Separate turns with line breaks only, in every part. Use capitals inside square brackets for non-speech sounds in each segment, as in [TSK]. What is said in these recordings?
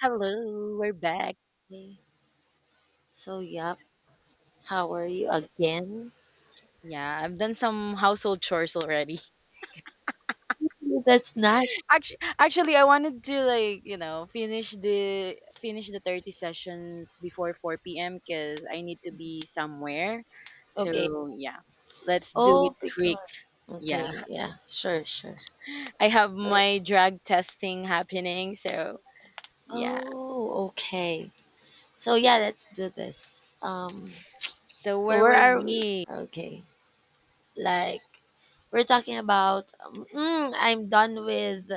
Hello, we're back.
Okay. So, yep. How are you again?
Yeah, I've done some household chores already.
No, that's not
[LAUGHS] Actually, I wanted to like finish the 30 sessions before 4 p.m. because I need to be somewhere.
okay.
So yeah, let's do it
Oh,
quick.
because
Yeah,
okay, yeah, sure, sure.
[LAUGHS] I have
So, yep.
my drug testing happening. So yeah,
Oh, okay. So yeah, let's do this. Um,
so
so
where
where
were
are we?
we?
Okay, like we're talking about. I'm done with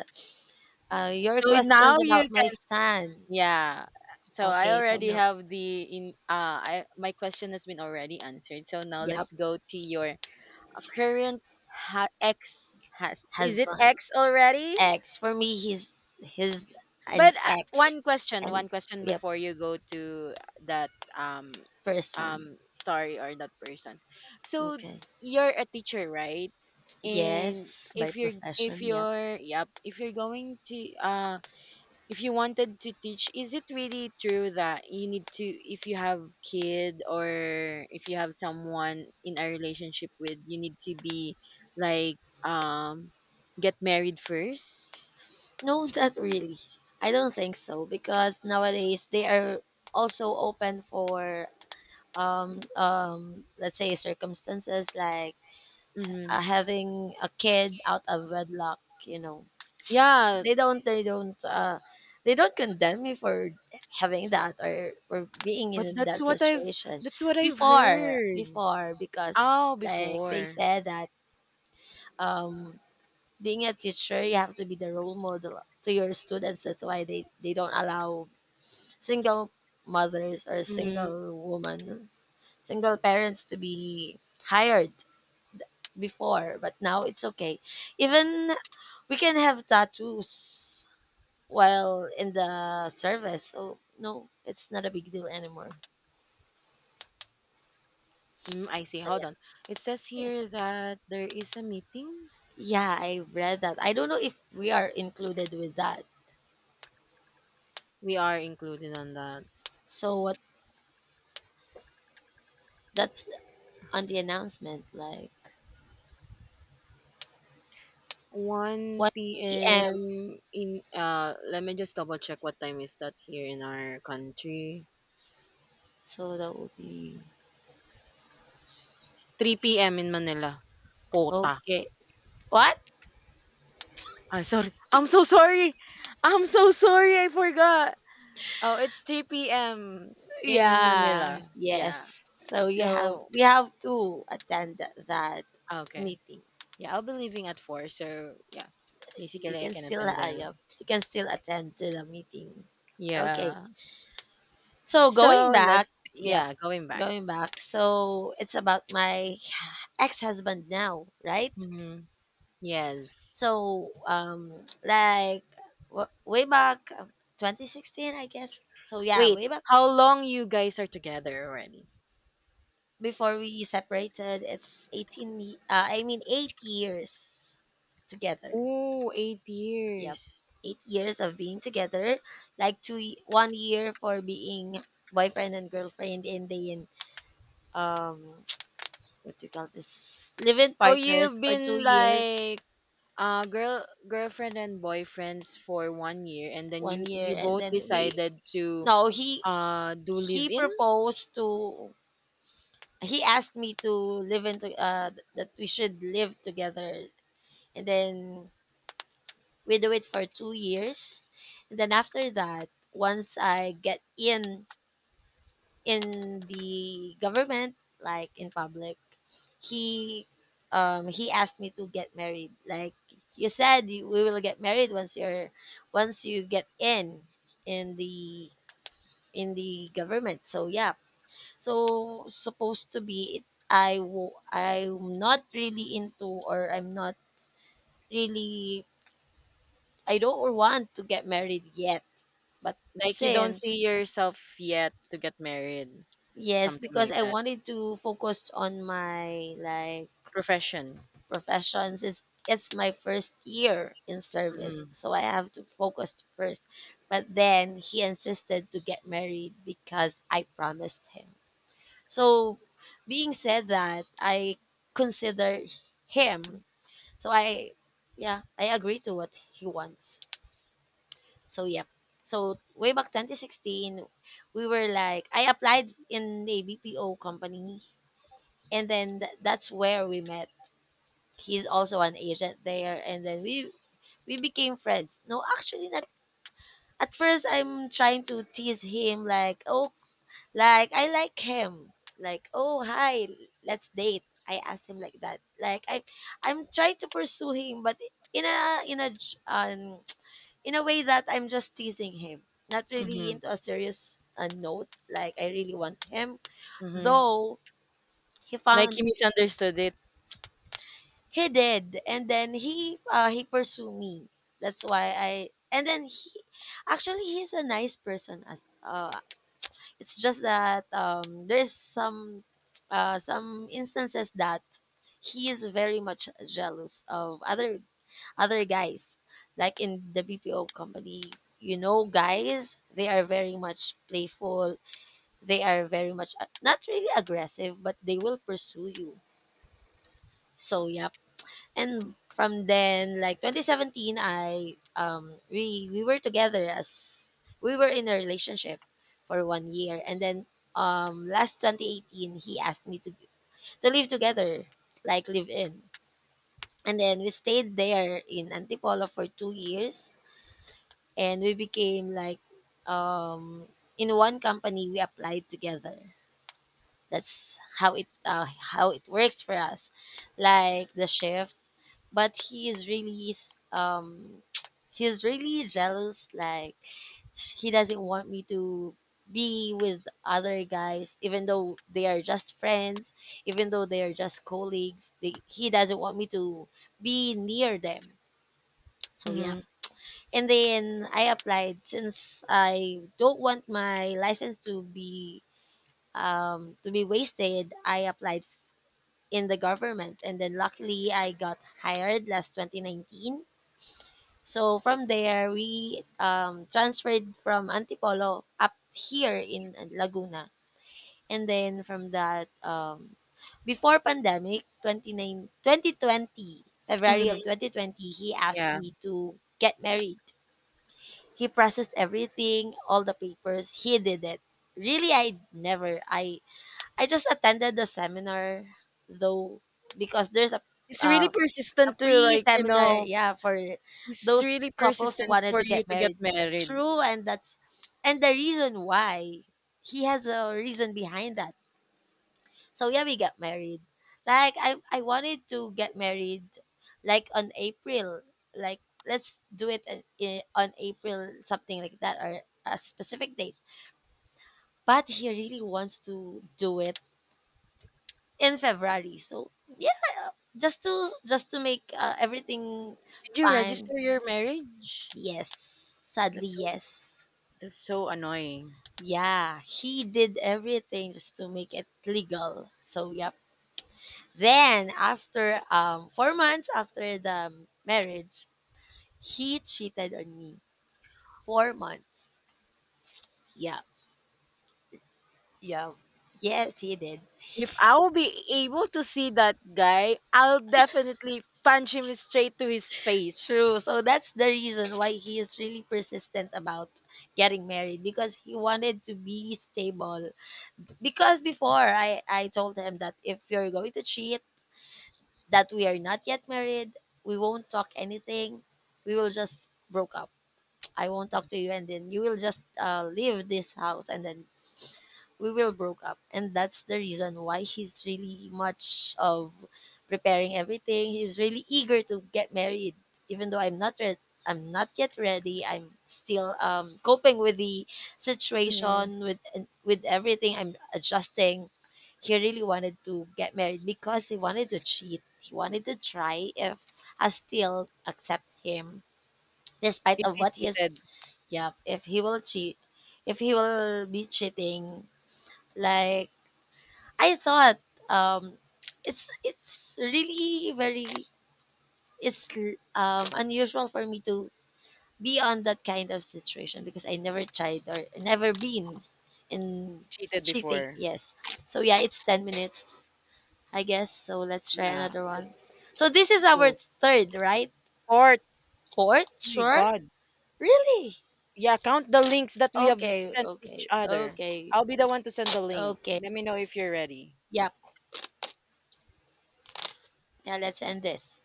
your
So now
questions
you
about my son.
Yeah. So I
Okay, so
already
now,
have the in I my question has been already answered. So now
yep,
let's go to your current ex has is it
husband,
ex already?
ex. For me, he's an
But
ex,
one question,
and
one question
yep,
before you go to that um
person.
story or that person. So
Okay.
you're a teacher, right? And
Yes, by
if you're if
profession, yeah.
you're yep, if you're going to if you wanted to teach, is it really true that you need to, if you have kid, or if you have someone in a relationship with, you need to be like um get married first.
No, not really. I don't think so because nowadays they are also open for let's say circumstances like
Mm-hmm.
having a kid out of wedlock.
Yeah,
They don't they don't uh they don't condemn me for having that or for being
but
in
that's
that
what i've
situation
that's what i've
before
heard.
before because,
Oh,
like they
before.
said, that um being a teacher, you have to be the role model to your students. That's why they don't allow single mothers or
Mm.
single women, single parents to be hired before, but now it's okay. Even we can have tattoos while in the service. So no, it's not a big deal anymore.
Mm, I see,
So
hold
yeah.
on. It says here that there is a meeting.
Yeah, I read that. I don't know if we are included with that.
We are included on that.
So what, that's on the announcement, like,
1
1 p.m.
p.m. in let me just double check what time is that here in our country.
So that would be
3 p.m. in Manila. Kota.
okay. What?
Ah, sorry. I'm so sorry. I'm so sorry, I forgot. Oh, it's 3 p.m. in
Yeah.
Manila.
Yes.
Yeah.
So you have
So,
we have to attend that
okay.
meeting.
Yeah, I'll be leaving at 4. So, yeah.
You
Basically, I
can
can
still,
attend the.
yeah, you can still attend to the meeting. Okay.
Yeah.
So going
So, let's.
back, yep.
Yeah, going back.
Going back. So it's about my ex-husband now, right?
Mm-hmm. Yes.
So like way back, 2016, I guess. So yeah,
Wait,
way back
how long you guys are together already?
before we separated, it's 18 I mean 8 years together,
Oh, eight
yep,
years.
8 years of being together, like 1 year for being boyfriend and girlfriend, and then um [TSK] what do you call this, live-in
So
partners
you've
for 2
been
years.
like girlfriend and boyfriends for 1 year, and then
1
you
year,
you
and
both
then we
decided to
no,
do live
he
in?
proposed to he asked me to live into, that we should live together, and then we do it for 2 years. And then after that, once I get in the government, like in public, he he asked me to get married, like, you said we will get married once you get in the in the government. So yeah. So, supposed to be it, I'm not really into, or I'm not really I don't want to get married yet. But
Like you don't
since,
see yourself yet to get married.
yes,
Something
because
like
I
that.
wanted to focus on my, like,
Profession.
profession, since it's my first year in service.
Mhm.
So I have to focus first. But then he insisted to get married because I promised him. So, being said that, I consider him. So, I yeah, I agree to what he wants. So, yep. So, way back 2016, we were like, I applied in a BPO company, and then that's where we met. He's also an agent there, and then we became friends. No, actually, not. At first, I'm trying to tease him, like, oh, like I like him, like, oh, hi, let's date. I asked him like that, like I'm trying to pursue him, but in a in a j- um in a way that I'm just teasing him, not really
Mhm.
into a serious note. Like I really want him,
Mhm.
though he
Like
found
you misunderstood it.
he did, and then he pursued me. That's why I and then he Actually, he's a nice person. As It's just that, there's some instances that he is very much jealous of other guys. Like in the BPO company, guys, they are very much playful. They are very much, not really aggressive, but they will pursue you. So yep. And from then, like, 2017, I we were together, as we were in a relationship for 1 year. And then last 2018, he asked me to live together, like, live in. And then we stayed there in Antipolo for 2 years. And we became, like, um in one company, we applied together. That's how it works for us, like the shift. But he is really s- [TSK] he's really jealous, like, he doesn't want me to be with other guys, even though they are just friends, even though they are just colleagues. He doesn't want me to be near them. So yeah.
Mhm.
And then I applied, since I don't want my license to be wasted. I applied in the government, and then luckily I got hired last 2019. So from there we, transferred from Antipolo up here in, Laguna. And then from that, before pandemic, 29 2020, February of
Mhm.
2020, he asked
Yeah.
me to get married. He processed everything, all the papers. He did it. Really, I never. I just attended the seminar, though, because there's
It's
uh,
really
a
persistent to like, you
pre-seminar,
know,
yeah, for
It's
those
really
couples who
persistent
wanted
for
to
you
get
to get
married.
married.
True. And the reason why, he has a reason behind that. So yeah, we got married. Like, I wanted to get married, like, on April. Like, let's do it on April, something like that, or a specific date. But he really wants to do it in February. So yeah, just to make, everything
Did you
fine.
register your marriage?
Yes. Sadly,
That's so s-
yes.
that's so annoying.
Yeah, he did everything just to make it legal. So yep. Then after 4 months after the marriage, he cheated on me. 4 months. Yeah. Yeah. Yes, he did.
If I will be able to see that guy, I'll definitely punch him straight to his face.
True. So that's the reason why he is really persistent about getting married, because he wanted to be stable. Because before, I told him that if you're going to cheat, that we are not yet married, we won't talk anything. We will just broke up. I won't talk to you, and then you will just, leave this house, and then we will broke up. And that's the reason why he's really much of preparing everything. He's really eager to get married, even though I'm not yet ready. I'm still, coping with the
Mm,
situation, with everything. I'm adjusting. He really wanted to get married because he wanted to cheat. He wanted to try if I still accept him, despite
if
of
he
what he is.
cheated,
Yeah, if he will cheat, if he will be cheating, like, I thought, um, it's really very, it's, unusual for me to be on that kind of situation, because I never tried or never been in
cheated
cheating.
before.
Yes, so yeah, it's 10 minutes, I guess. So let's try
Yeah,
another one. So
let's
this is our
do
third, right?
fourth. Oh
Fourth,
my
sure.
God.
Really?
Yeah, count the links that we have
Okay,
sent each
okay,
other.
okay,
I'll be the one to send the link.
okay.
Let me know if you're ready.
Yeah, yeah. Let's end this.